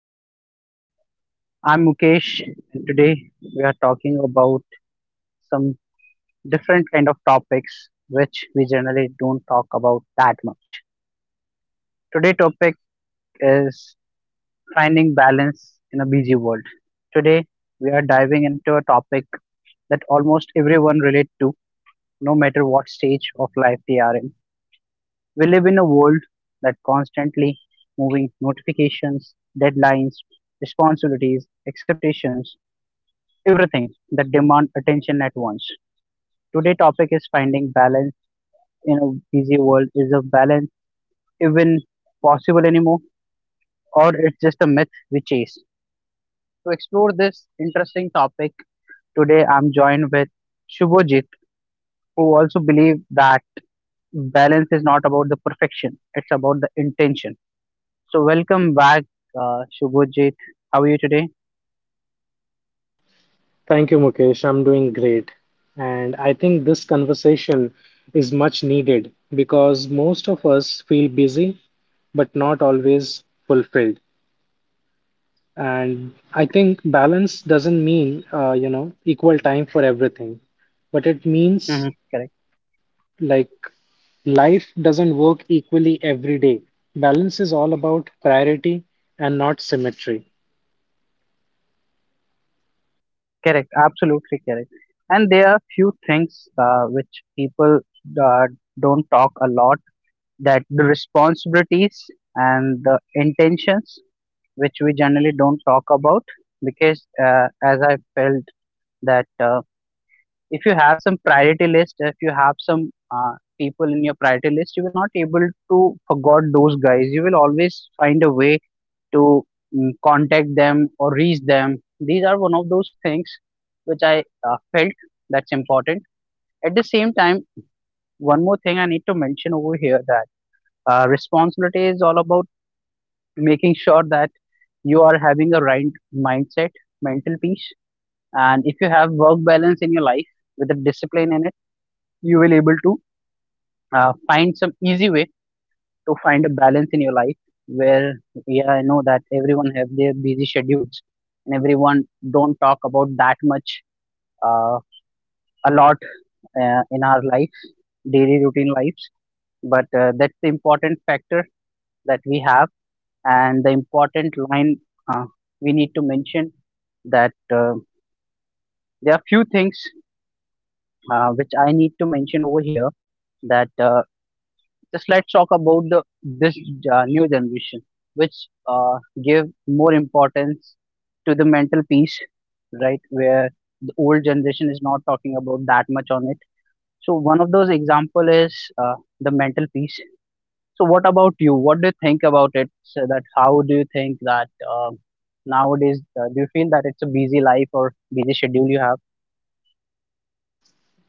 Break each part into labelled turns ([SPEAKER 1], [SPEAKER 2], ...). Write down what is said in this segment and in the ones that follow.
[SPEAKER 1] Podcast. I'm Mukesh and today we are talking about some different kind of topics which we generally don't talk about that much. Today topic is finding balance in a busy world. Today we are diving into a topic that almost everyone relate to no matter what stage of life they are in. We live in a world that constantly moving notifications, deadlines, responsibilities, expectations everything that demand attention at once. Today topic is finding balance in a busy world. Is a balance even possible anymore or it's just a myth we chase? To explore this interesting topic today I'm joined with Shubhojit who also believe that balance is not about the perfection. It's about the intention. So welcome back Shubhojit. How are you today?
[SPEAKER 2] Thank you, Mukesh. I'm doing great. And I think this conversation is much needed because most of us feel busy but not always fulfilled. And I think balance doesn't mean, equal time for everything, but it means
[SPEAKER 1] Hmm. Correct.
[SPEAKER 2] like life doesn't work equally every day. Balance is all about priority and not symmetry.
[SPEAKER 1] Correct, absolutely correct. And there are few things which people uh, don't talk a lot that the responsibilities and the intentions which we generally don't talk about because as I felt that if you have some priority list, if you have some people in your priority list, you will not able to forgot those guys. You will always find a way to contact them or reach them. These are one of those things which I felt that's important. At the same time one more thing I need to mention over here that responsibility is all about making sure that you are having a right mindset, mental peace, and if you have work balance in your life with a discipline in it, you will able to find some easy way to find a balance in your life where yeah I know that everyone have their busy schedules and everyone don't talk about that much uh, a lot in our life, daily routine lives. But that's the important factor that we have and the important line uh, we need to mention that uh, there are few things which I need to mention over here that just let's talk about the this new generation, which uh, give more importance to the mental peace, right? Where the old generation is not talking about that much on it. So one of those example is uh, the mental peace. So what about you? What do you think about it? So that how do you think that uh, nowadays do you feel that it's a busy life or busy schedule you have?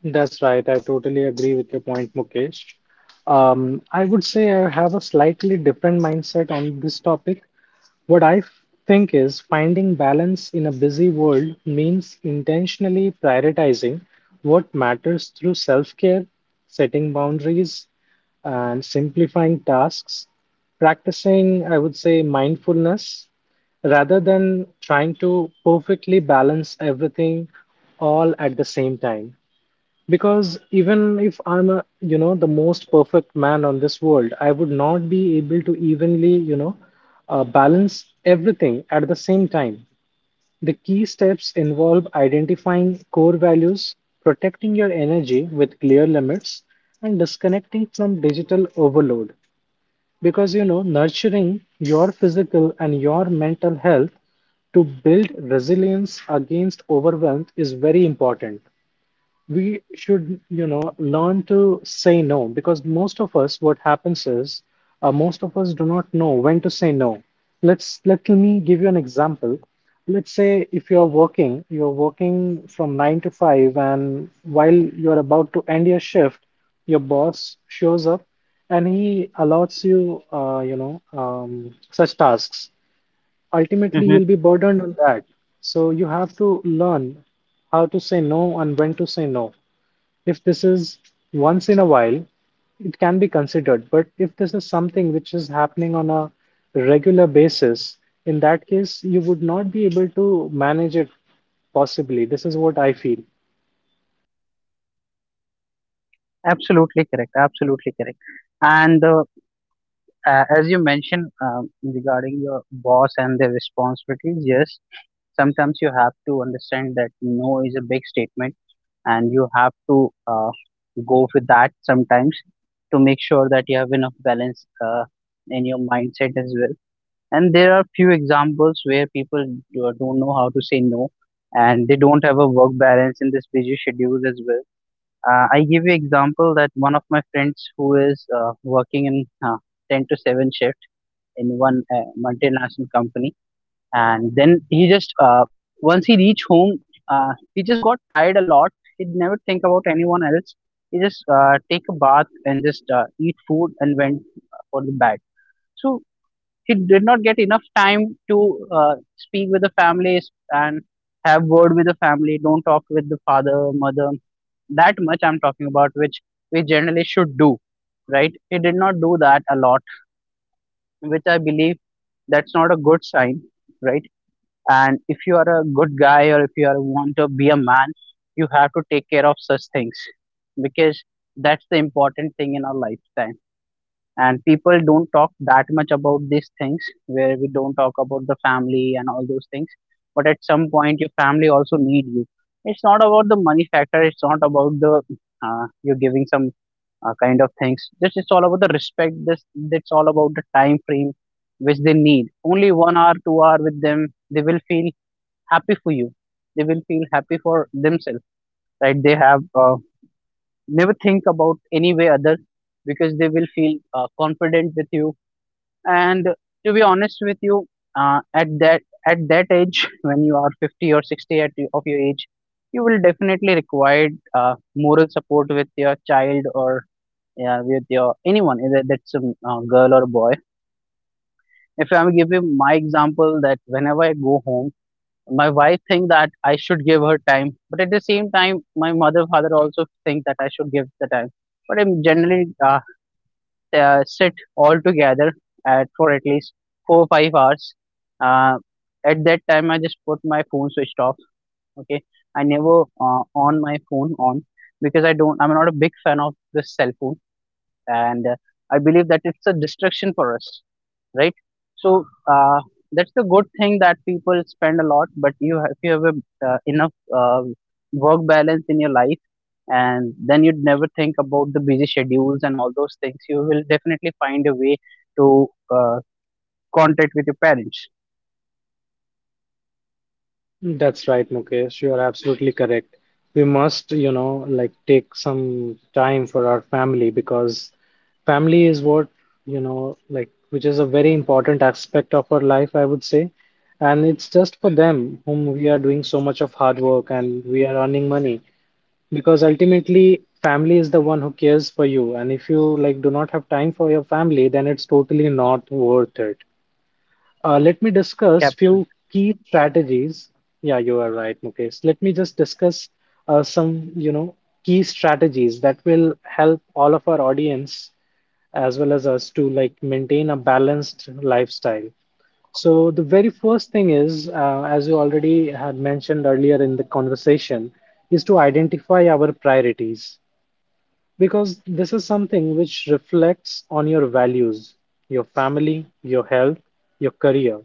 [SPEAKER 2] That's right. I totally agree with your point, Mukesh. I would say I have a slightly different mindset on this topic. What I f- think is finding balance in a busy world means intentionally prioritizing what matters through self-care, setting boundaries, and simplifying tasks, practicing, I would say, mindfulness rather than trying to perfectly balance everything all at the same time. Because even if I'm a, you know, the most perfect man on this world, I would not be able to evenly, balance everything at the same time. The key steps involve identifying core values, protecting your energy with clear limits, and disconnecting from digital overload. Because, you know, nurturing your physical and your mental health to build resilience against overwhelm is very important. We should, you know, learn to say no because most of us, most of us do not know when to say no. Let me give you an example. Let's say if you're working, you're working from nine to five, and while you're about to end your shift, your boss shows up and he allots you, such tasks. Ultimately,
[SPEAKER 1] Hmm.
[SPEAKER 2] you'll be burdened on that. So you have to learn how to say no and when to say no. If this is once in a while, it can be considered. But if this is something which is happening on a regular basis, in that case, you would not be able to manage it possibly. This is what I feel.
[SPEAKER 1] Absolutely correct. Absolutely correct. And as you mentioned regarding your boss and their responsibilities, yes, sometimes you have to understand that no is a big statement and you have to go with that sometimes to make sure that you have enough balance in your mindset as well. And there are few examples where people don't know how to say no and they don't have a work balance in this busy schedule as well. I give you example that one of my friends who is working in 10 to 7 shift in one multinational company and then he just once he reached home he just got tired a lot. He'd never think about anyone else. He just take a bath and just eat food and went for the bed. So he did not get enough time to speak with the families and have word with the family, don't talk with the father, mother that much I'm talking about, which we generally should do, right? He did not do that a lot, which I believe that's not a good sign, right? And if you are a good guy or if you are want to be a man, you have to take care of such things because that's the important thing in our lifetime. And people don't talk that much about these things, where we don't talk about the family and all those things. But at some point, your family also need you. It's not about the money factor. It's not about the you giving some kind of things. This is all about the respect. This It's all about the time frame which they need. Only 1 hour, 2 hour with them, they will feel happy for you. They will feel happy for themselves, right? They have never think about any way other because they will feel confident with you. And to be honest with you, uh, at that at that age, when you are 50 or 60 of your age, you will definitely require moral support with your child or yeah with your anyone either that's a girl or boy. If I'm give you my example, that whenever I go home my wife think that I should give her time, but at the same time my mother father also think that I should give the time. But I'm generally uh, sit all together at for at least 4 or 5 hours uh, at that time I just put my phone switched off. Okay, I never on my phone on because I don't, I'm not a big fan of the cell phone. And I believe that it's a distraction for us, right? So that's the good thing that people spend a lot. But you have, if you have a, enough work balance in your life and then you'd never think about the busy schedules and all those things, you will definitely find a way to uh, contact with your parents.
[SPEAKER 2] That's right, Mukesh. You are absolutely correct. We must, you know, like take some time for our family because family is what, you know, like which is a very important aspect of our life, I would say. And it's just for them whom we are doing so much of hard work and we are earning money because ultimately family is the one who cares for you. And if you like do not have time for your family, then it's totally not worth it. Let me discuss
[SPEAKER 1] Capture.
[SPEAKER 2] few key strategies. Yeah, you are right, Mukesh. Let me just discuss some, you know, key strategies that will help all of our audience as well as us to like maintain a balanced lifestyle. So the very first thing is, as you already had mentioned earlier in the conversation, is to identify our priorities because this is something which reflects on your values, your family, your health, your career,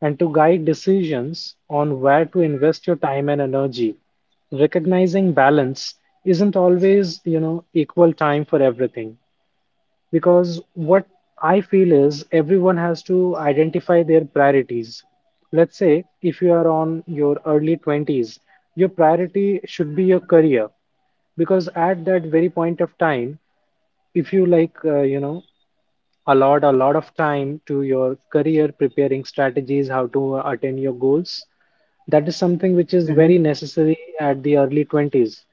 [SPEAKER 2] and to guide decisions on where to invest your time and energy. Recognizing balance isn't always, you know, equal time for everything because what I feel is everyone has to identify their priorities. Let's say if you are on your early 20s, your priority should be your career because at that very point of time if you like, allot a lot of time to your career preparing strategies how to attain your goals, that is something which is very necessary at the early 20s.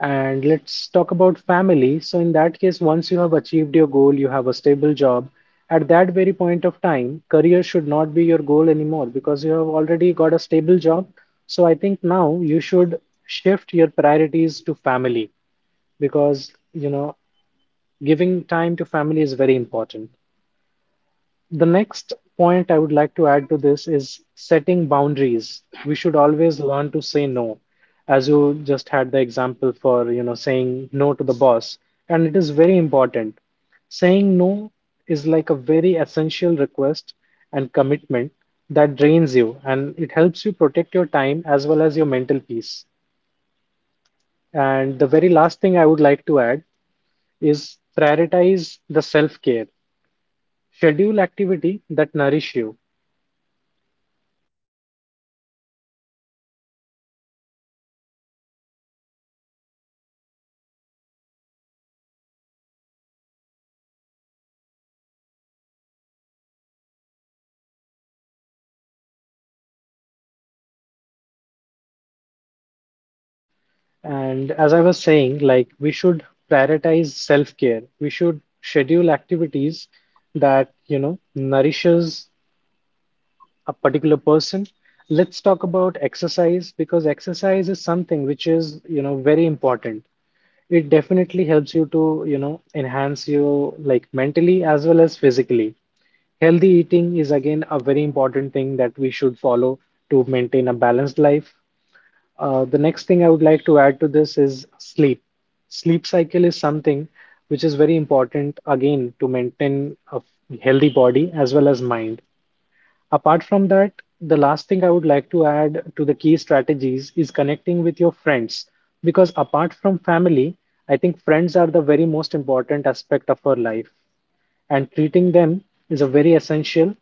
[SPEAKER 2] And let's talk about family, so in that case once you have achieved your goal, you have a stable job. At that very point of time career should not be your goal anymore because you have already got a stable job. So I think now you should shift your priorities to family because, you know, giving time to family is very important. The next point I would like to add to this is setting boundaries. We should always learn to say no. As you just had the example for, you know, saying no to the boss, and it is very important. Saying no is like a very essential request and commitment that drains you and it helps you protect your time as well as your mental peace. And the very last thing I would like to add is prioritize the self care. Schedule activity that nourish you, and as I was saying, like we should prioritize self care, we should schedule activities that, you know, nourishes a particular person. Let's talk about exercise, because exercise is something which is, you know, very important. It definitely helps you to, you know, enhance you like mentally as well as physically. Healthy eating is again a very important thing that we should follow to maintain a balanced life. The next thing I would like to add to this is sleep. Sleep cycle is something which is very important again to maintain a healthy body as well as mind. Apart from that, the last thing I would like to add to the key strategies is connecting with your friends because apart from family, I think friends are the very most important aspect of our life and treating them is a very essential,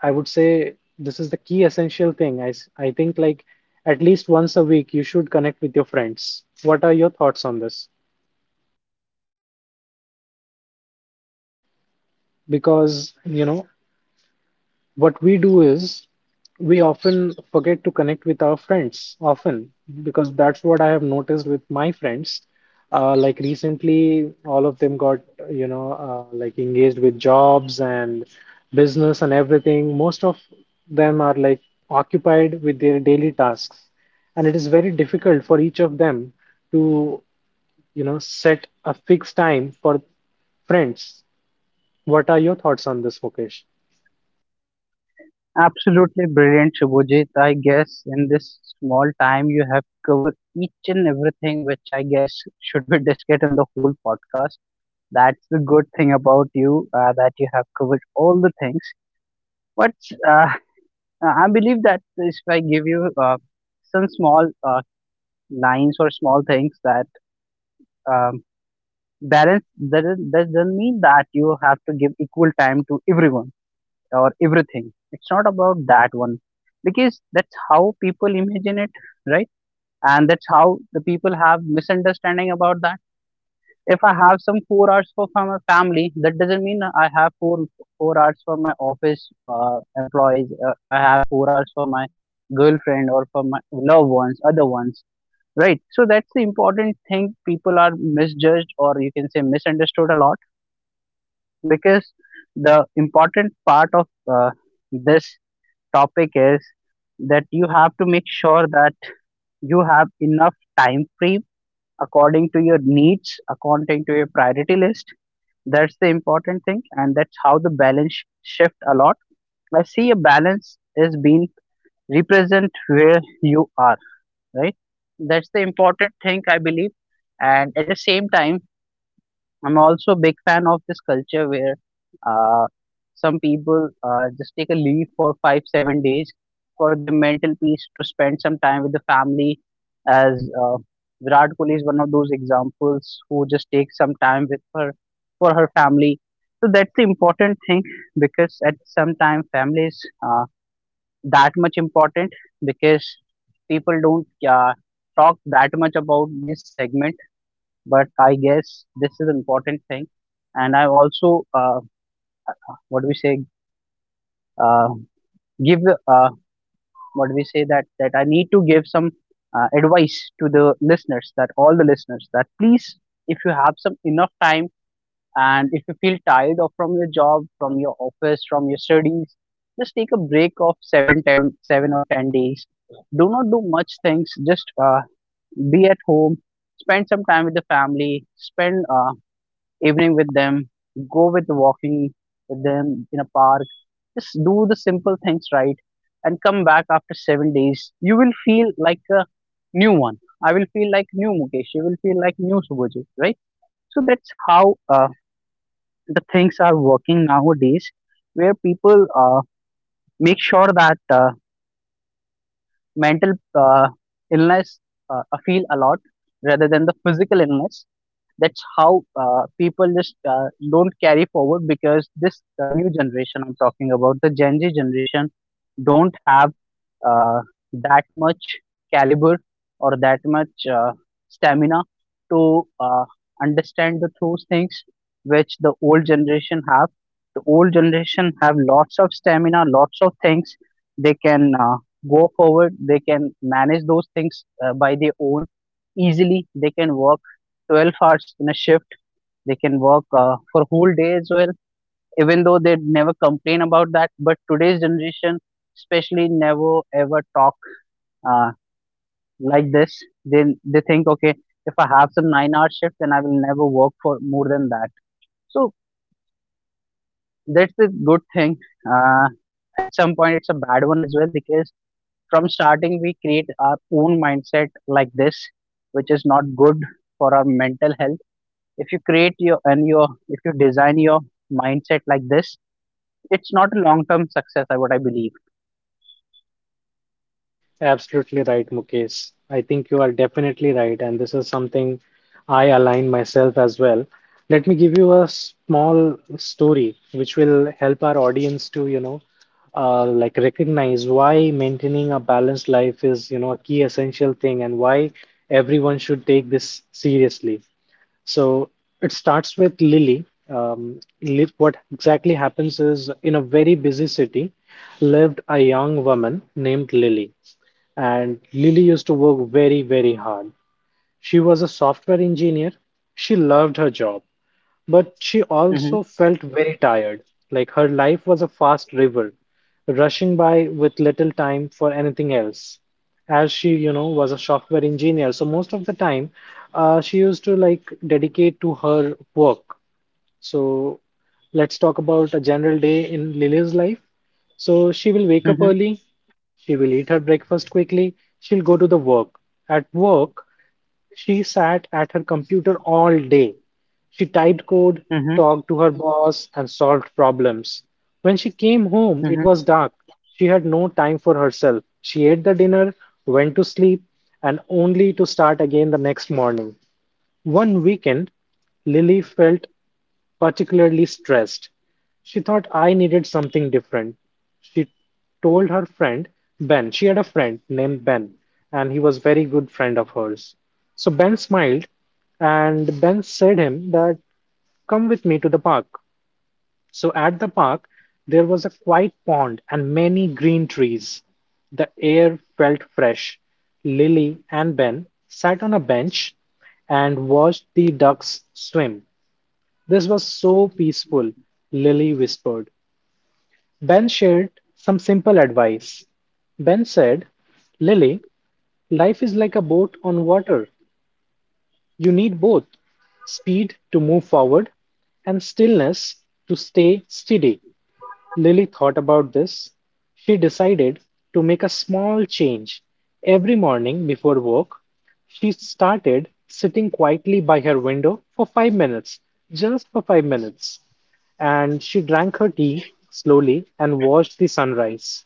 [SPEAKER 2] I would say this is the key essential thing. I think like at least once a week you should connect with your friends. What are your thoughts on this? Because, you know, what we do is we often forget to connect with our friends often because that's what I have noticed with my friends. Like recently all of them got, like engaged with jobs and business and everything. Most of them are like occupied with their daily tasks and it is very difficult for each of them to, you know, set a fixed time for friends. What are your thoughts on this, Mukesh?
[SPEAKER 1] Absolutely brilliant, Shubhajit. I guess in this small time you have covered each and everything, which I guess should be discussed in the whole podcast. That's the good thing about you, that you have covered all the things. But uh, I believe that if I give you some small lines or small things that um, balance, that doesn't mean that you have to give equal time to everyone or everything. It's not about that one because that's how people imagine it, right? And that's how the people have misunderstanding about that. If I have some 4 hours for from my family, that doesn't mean I have 4 hours for my office, employees, I have 4 hours for my girlfriend or for my loved ones, other ones, right? So that's the important thing. People are misjudged or you can say misunderstood a lot because the important part of uh, this topic is that you have to make sure that you have enough time frame according to your needs, according to your priority list. That's the important thing, and that's how the balance shift a lot. I see a balance is being represent where you are, right? That's the important thing I believe, and at the same time, I'm also a big fan of this culture where uh, some people just take a leave for five, 7 days for their mental peace to spend some time with the family. As Virat Kohli is one of those examples who just takes some time with her for her family. So that's the important thing because at some time family is uh, that much important because people don't talk that much about this segment, but I guess this is an important thing. And I also, what do we say, uh, give uh, what do we say that that I need to give some advice to the listeners, that all the listeners that please, if you have some enough time and if you feel tired of from your job, from your office, from your studies, just take a break of seven, ten, seven or 10 days. Do not do much things, just be at home, spend some time with the family, spend evening with them, go with walking with them in a park. Just do the simple things right and come back after 7 days. You will feel like a new one. I will feel like new Mukesh. You will feel like new Subhajit, right? So that's how the things are working nowadays, where people make sure that mental illness feel a lot rather than the physical illness. That's how people just don't carry forward because this new generation I'm talking about, the Gen Z generation, don't have uh, that much caliber or that much stamina to understand the those things which the old generation have. The old generation have lots of stamina, lots of things. They can go forward, they can manage those things by their own. Easily they can work 12 hours in a shift, they can work for whole day as well, even though they never complain about that. But today's generation especially never ever talk uh, like this. They they think okay, if I have some 9-hour shift, then I will never work for more than that. So that's the good thing. uh, at some point it's a bad one as well, because from starting we create our own mindset like this, which is not good for our mental health. If you create your and your If you design your mindset like this, it's not a long term success, I what I believe.
[SPEAKER 2] Absolutely right, Mukesh. I think you are definitely right, and this is something I align myself as well. Let me give you a small story which will help our audience to, like recognize why maintaining a balanced life is, you know, a key essential thing and why everyone should take this seriously. So it starts with Lily. What exactly happens is in a very busy city lived a young woman named Lily. And Lily used to work very, very hard. She was a software engineer. She loved her job, but she also
[SPEAKER 1] Hmm.
[SPEAKER 2] felt very tired. Like her life was a fast river, rushing by with little time for anything else. As she, you know, was a software engineer, so most of the time, she used to like dedicate to her work. So let's talk about a general day in Lily's life. So she will wake up
[SPEAKER 1] Hmm.
[SPEAKER 2] early, she will eat her breakfast quickly. She'll go to the work. At work, she sat at her computer all day. She typed code,
[SPEAKER 1] Hmm.
[SPEAKER 2] talked to her boss, and solved problems. When she came home, it was
[SPEAKER 1] Hmm.
[SPEAKER 2] dark. She had no time for herself. She ate the dinner, went to sleep, and only to start again the next morning. One weekend, Lily felt particularly stressed. She thought I needed something different. She told her friend Ben. She had a friend named Ben, and he was very good friend of hers. So Ben smiled, and Ben said him that come with me to the park. So at the park there was a quiet pond and many green trees. The air felt fresh. Lily and Ben sat on a bench and watched the ducks swim. This was so peaceful, Lily whispered. Ben shared some simple advice. Ben said, Lily, life is like a boat on water. You need both speed to move forward and stillness to stay steady. Lily thought about this. She decided to make a small change. Every morning before work, she started sitting quietly by her window for 5 minutes, just for 5 minutes. And she drank her tea slowly and watched the sunrise.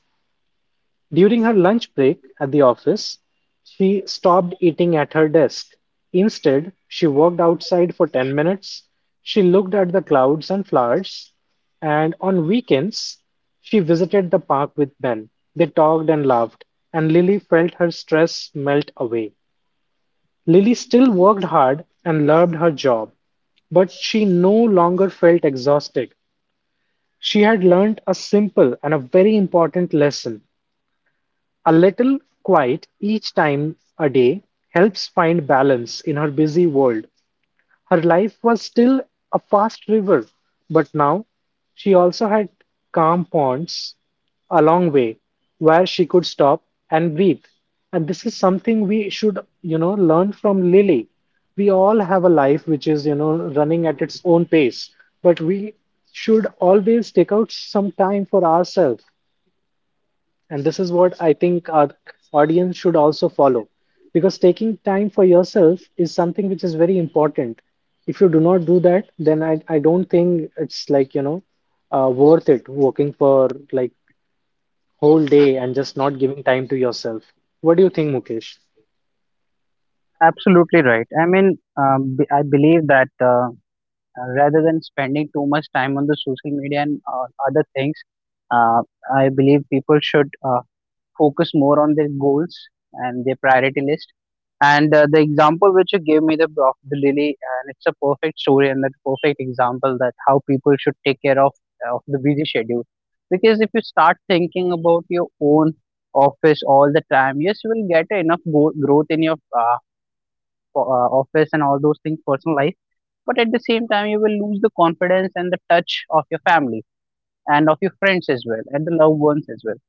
[SPEAKER 2] During her lunch break at the office, she stopped eating at her desk. Instead, she walked outside for 10 minutes. She looked at the clouds and flowers. And on weekends, she visited the park with Ben. They talked and laughed, and Lily felt her stress melt away. Lily still worked hard and loved her job, but she no longer felt exhausted. She had learned a simple and a very important lesson, a little quiet each time a day helps find balance in her busy world. Her life was still a fast river, but now she also had calm ponds a long way where she could stop and breathe. And this is something we should, you know, learn from Lily. We all have a life which is, you know, running at its own pace, but we should always take out some time for ourselves and this is what I think our audience should also follow because taking time for yourself is something which is very important. If you do not do that, then I don't think it's like, you know, worth it working for like whole day and just not giving time to yourself. What do you think, Mukesh?
[SPEAKER 1] Absolutely right, I mean, I believe that rather than spending too much time on the social media and other things, uh, I believe people should focus more on their goals and their priority list. And the example which you gave me the of the lily, and it's a perfect story and the perfect example that how people should take care of the busy schedule. Because if you start thinking about your own office all the time, yes, you will get enough growth in your for, office and all those things personal life, but at the same time you will lose the confidence and the touch of your family and of your friends as well and the loved ones as well.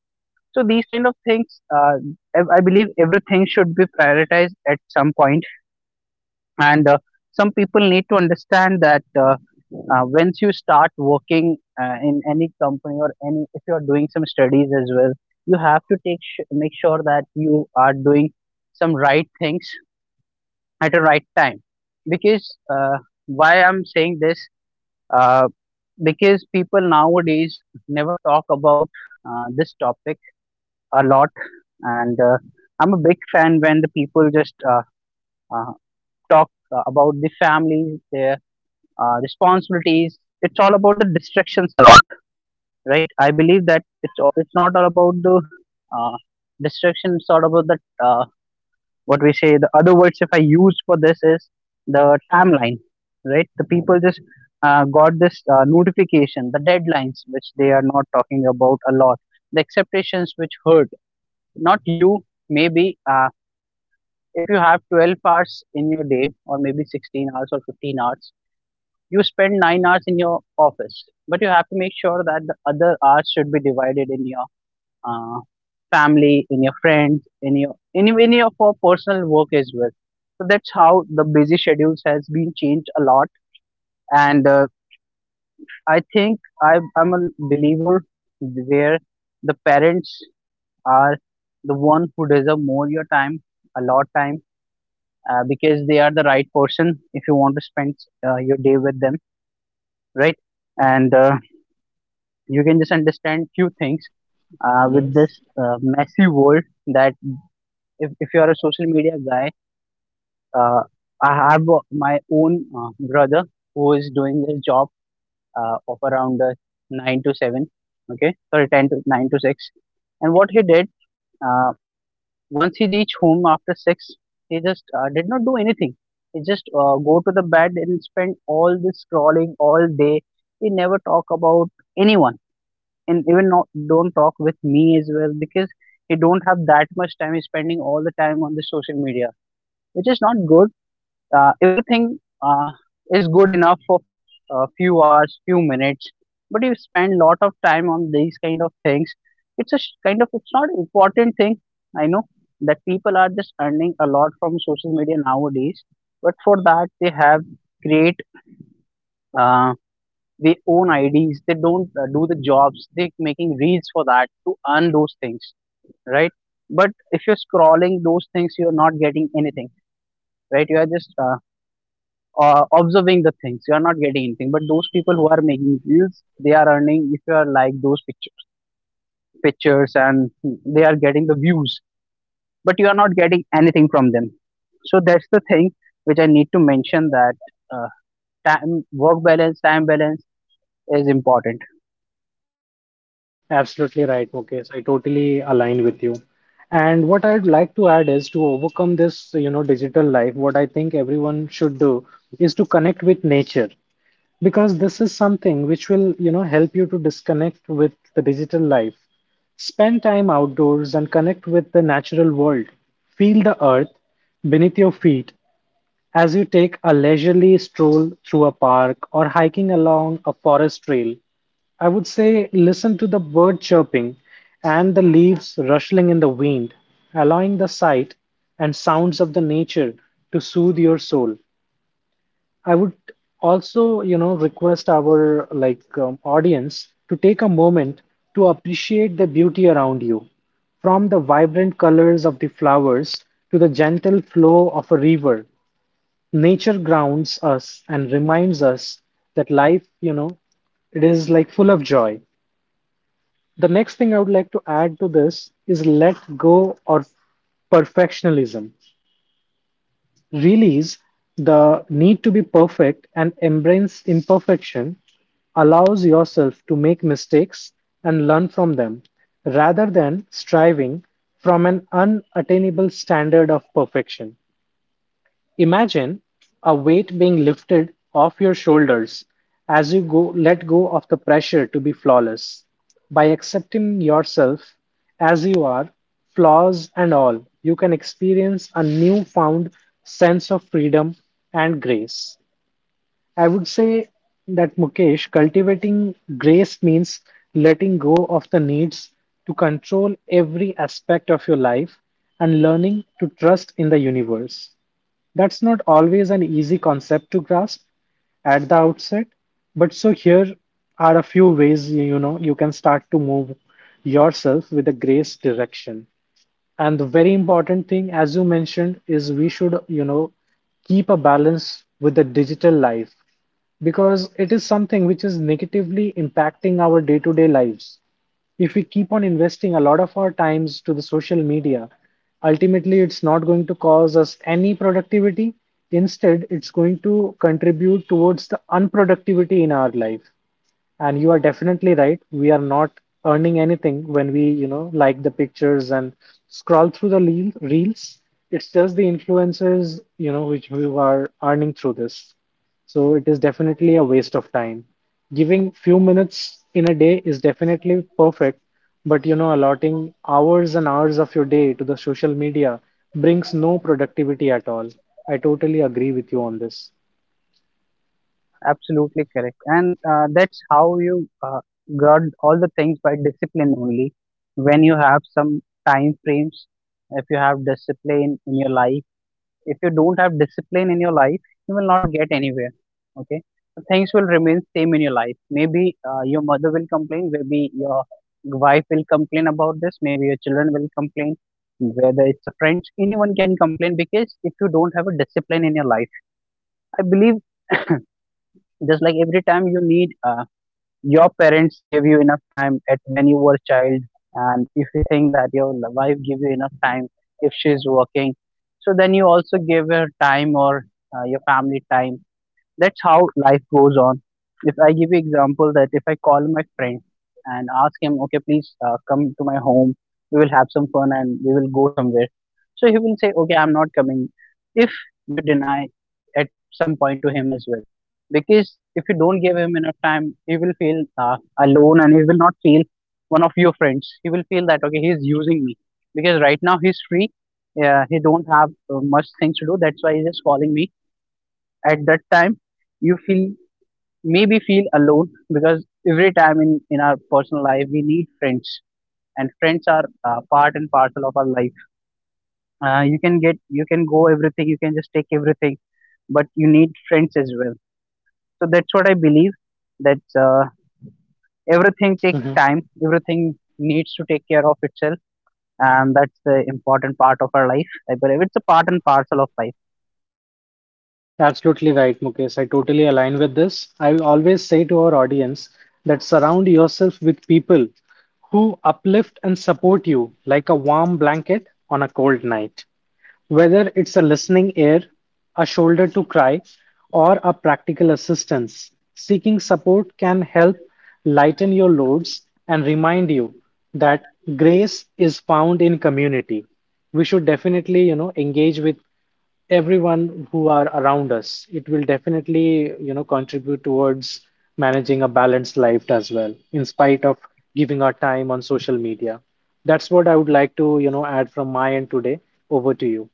[SPEAKER 1] So these kind of things I believe everything should be prioritized at some point. And some people need to understand that once you start working in any company or any, if you are doing some studies as well, you have to take make sure that you are doing some right things at the right time. Because uh, why I'm saying this, uh, because people nowadays never talk about this topic a lot. And I'm a big fan when the people just uh, talk about the family, their responsibilities. It's all about the distractions a lot, right? I believe that it's it's not all about the uh, distractions, it's all about the uh, what we say, the other words if I use for this is the timeline, right? The people just got this notification, the deadlines which they are not talking about a lot, the expectations which hurt, not you maybe. uh, if you have 12 hours in your day or maybe 16 hours or 15 hours, you spend 9 hours in your office, but you have to make sure that the other hours should be divided in your uh, family, in your friends, in your for personal work as well. So that's how the busy schedules has been changed a lot. And I think I'm a believer where the parents are the one who deserve more your time, a lot time, because they are the right person if you want to spend your day with them, right? And you can just understand few things
[SPEAKER 2] Mhm.
[SPEAKER 1] with this messy world that if you are a social media guy, uh, I have my own brother who is doing his job of around nine to seven, okay, sorry, ten to nine to six. And what he did, uh, once he reached home after six, he just did not do anything. He just go to the bed and spend all this scrolling all day. He never talk about anyone, and even not don't talk with me as well because he don't have that much time. He's spending all the time on the social media, which is not good. Everything is good enough for a few hours, few minutes, but you spend lot of time on these kind of things. It's a kind of it's not important thing. I know that people are just earning a lot from social media nowadays, but for that they have create uh, their own IDs. They don't do the jobs. They making reads for that to earn those things, right? But if you're scrolling those things, you're not getting anything, right? You are just observing the things, you are not getting anything. But those people who are making reels, they are earning if you are like those pictures and they are getting the views, but you are not getting anything from them. So that's the thing which I need to mention, that uh, time work balance, time balance is important.
[SPEAKER 2] Absolutely right, Mukesh. I totally align with you. And what I'd like to add is to overcome this, you know, digital life, what I think everyone should do is to connect with nature, because this is something which will, you know, help you to disconnect with the digital life. Spend time outdoors and connect with the natural world. Feel the earth beneath your feet as you take a leisurely stroll through a park or hiking along a forest trail. I would say listen to the bird chirping and the leaves rustling in the wind, allowing the sight and sounds of the nature to soothe your soul. I would also, you know, request our like audience to take a moment to appreciate the beauty around you, from the vibrant colors of the flowers to the gentle flow of a river. Nature grounds us and reminds us that life, you know, it is like full of joy. The next thing I would like to add to this is let go of perfectionism. Release the need to be perfect and embrace imperfection, allows yourself to make mistakes and learn from them rather than striving from an unattainable standard of perfection. Imagine a weight being lifted off your shoulders as you go let go of the pressure to be flawless. By accepting yourself as you are, flaws and all, you can experience a newfound sense of freedom and grace. I would say that, Mukesh, cultivating grace means letting go of the needs to control every aspect of your life and learning to trust in the universe. That's not always an easy concept to grasp at the outset, but so here are a few ways you know you can start to move yourself with a grace direction. And the very important thing, as you mentioned, is we should, you know, keep a balance with the digital life because it is something which is negatively impacting our day-to-day lives. If we keep on investing a lot of our times to the social media, ultimately it's not going to cause us any productivity. Instead, it's going to contribute towards the unproductivity in our life. And you are definitely right. We are not earning anything when we, you know, like the pictures and scroll through the reels. It's just the influencers, you know, which who are earning through this. So it is definitely a waste of time. Giving few minutes in a day is definitely perfect, but you know, allotting hours and hours of your day to the social media brings no productivity at all. I totally agree with you on this.
[SPEAKER 1] Absolutely correct. And that's how you got all the things by discipline only. When you have some time frames, if you have discipline in your life, if you don't have discipline in your life, you will not get anywhere, okay? So things will remain same in your life. Maybe your mother will complain, maybe your wife will complain about this, maybe your children will complain, whether it's a friend, anyone can complain, because if you don't have a discipline in your life. I believe just like every time you need your parents give you enough time at when you were a child, and if you think that your wife give you enough time, if she's working, so then you also give her time or your family time. That's how life goes on. If I give you example, that if I call my friend and ask him, okay, please come to my home, we will have some fun and we will go somewhere. So he will say, okay, I'm not coming. If you deny at some point to him as well, because if you don't give him enough time, he will feel alone and he will not feel one of your friends. He will feel that okay, he's using me because right now he's free. He don't have much things to do, that's why he's just calling me. At that time you feel, maybe feel alone, because every time in our personal life we need friends, and friends are part and parcel of our life. You can get, you can go everything, you can just take everything, but you need friends as well. So that's what I believe, that everything take time, everything needs to take care of itself. And that's the important part of our life, I believe it's a part and parcel of life.
[SPEAKER 2] Absolutely right, Mukesh. I totally align with this. I always say to our audience that surround yourself with people who uplift and support you like a warm blanket on a cold night. Whether it's a listening ear, a shoulder to cry, or a practical assistance, seeking support can help lighten your loads and remind you that grace is found in community. We should definitely, you know, engage with everyone who are around us. It will definitely, you know, contribute towards managing a balanced life as well, in spite of giving our time on social media. That's what I would like to, you know, add from my end today. Over to you.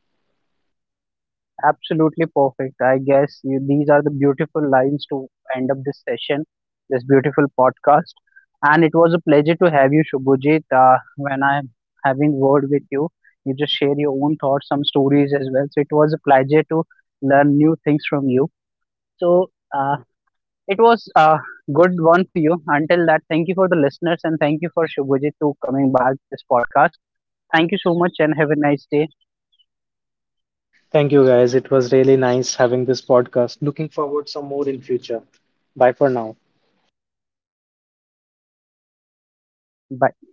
[SPEAKER 1] Absolutely perfect. I guess you, these are the beautiful lines to end up this session, this beautiful podcast. And it was a pleasure to have you, Shubhajit. When I'm having word with you, you just share your own thoughts, some stories as well. So it was a pleasure to learn new things from you. So it was a good one for you. Until that, thank you for the listeners and thank you for Shubhajit to coming back this podcast. Thank you so much and have a nice day.
[SPEAKER 2] Thank you guys. It was really nice having this podcast. Looking forward some more in future. Bye for now.
[SPEAKER 1] Bye.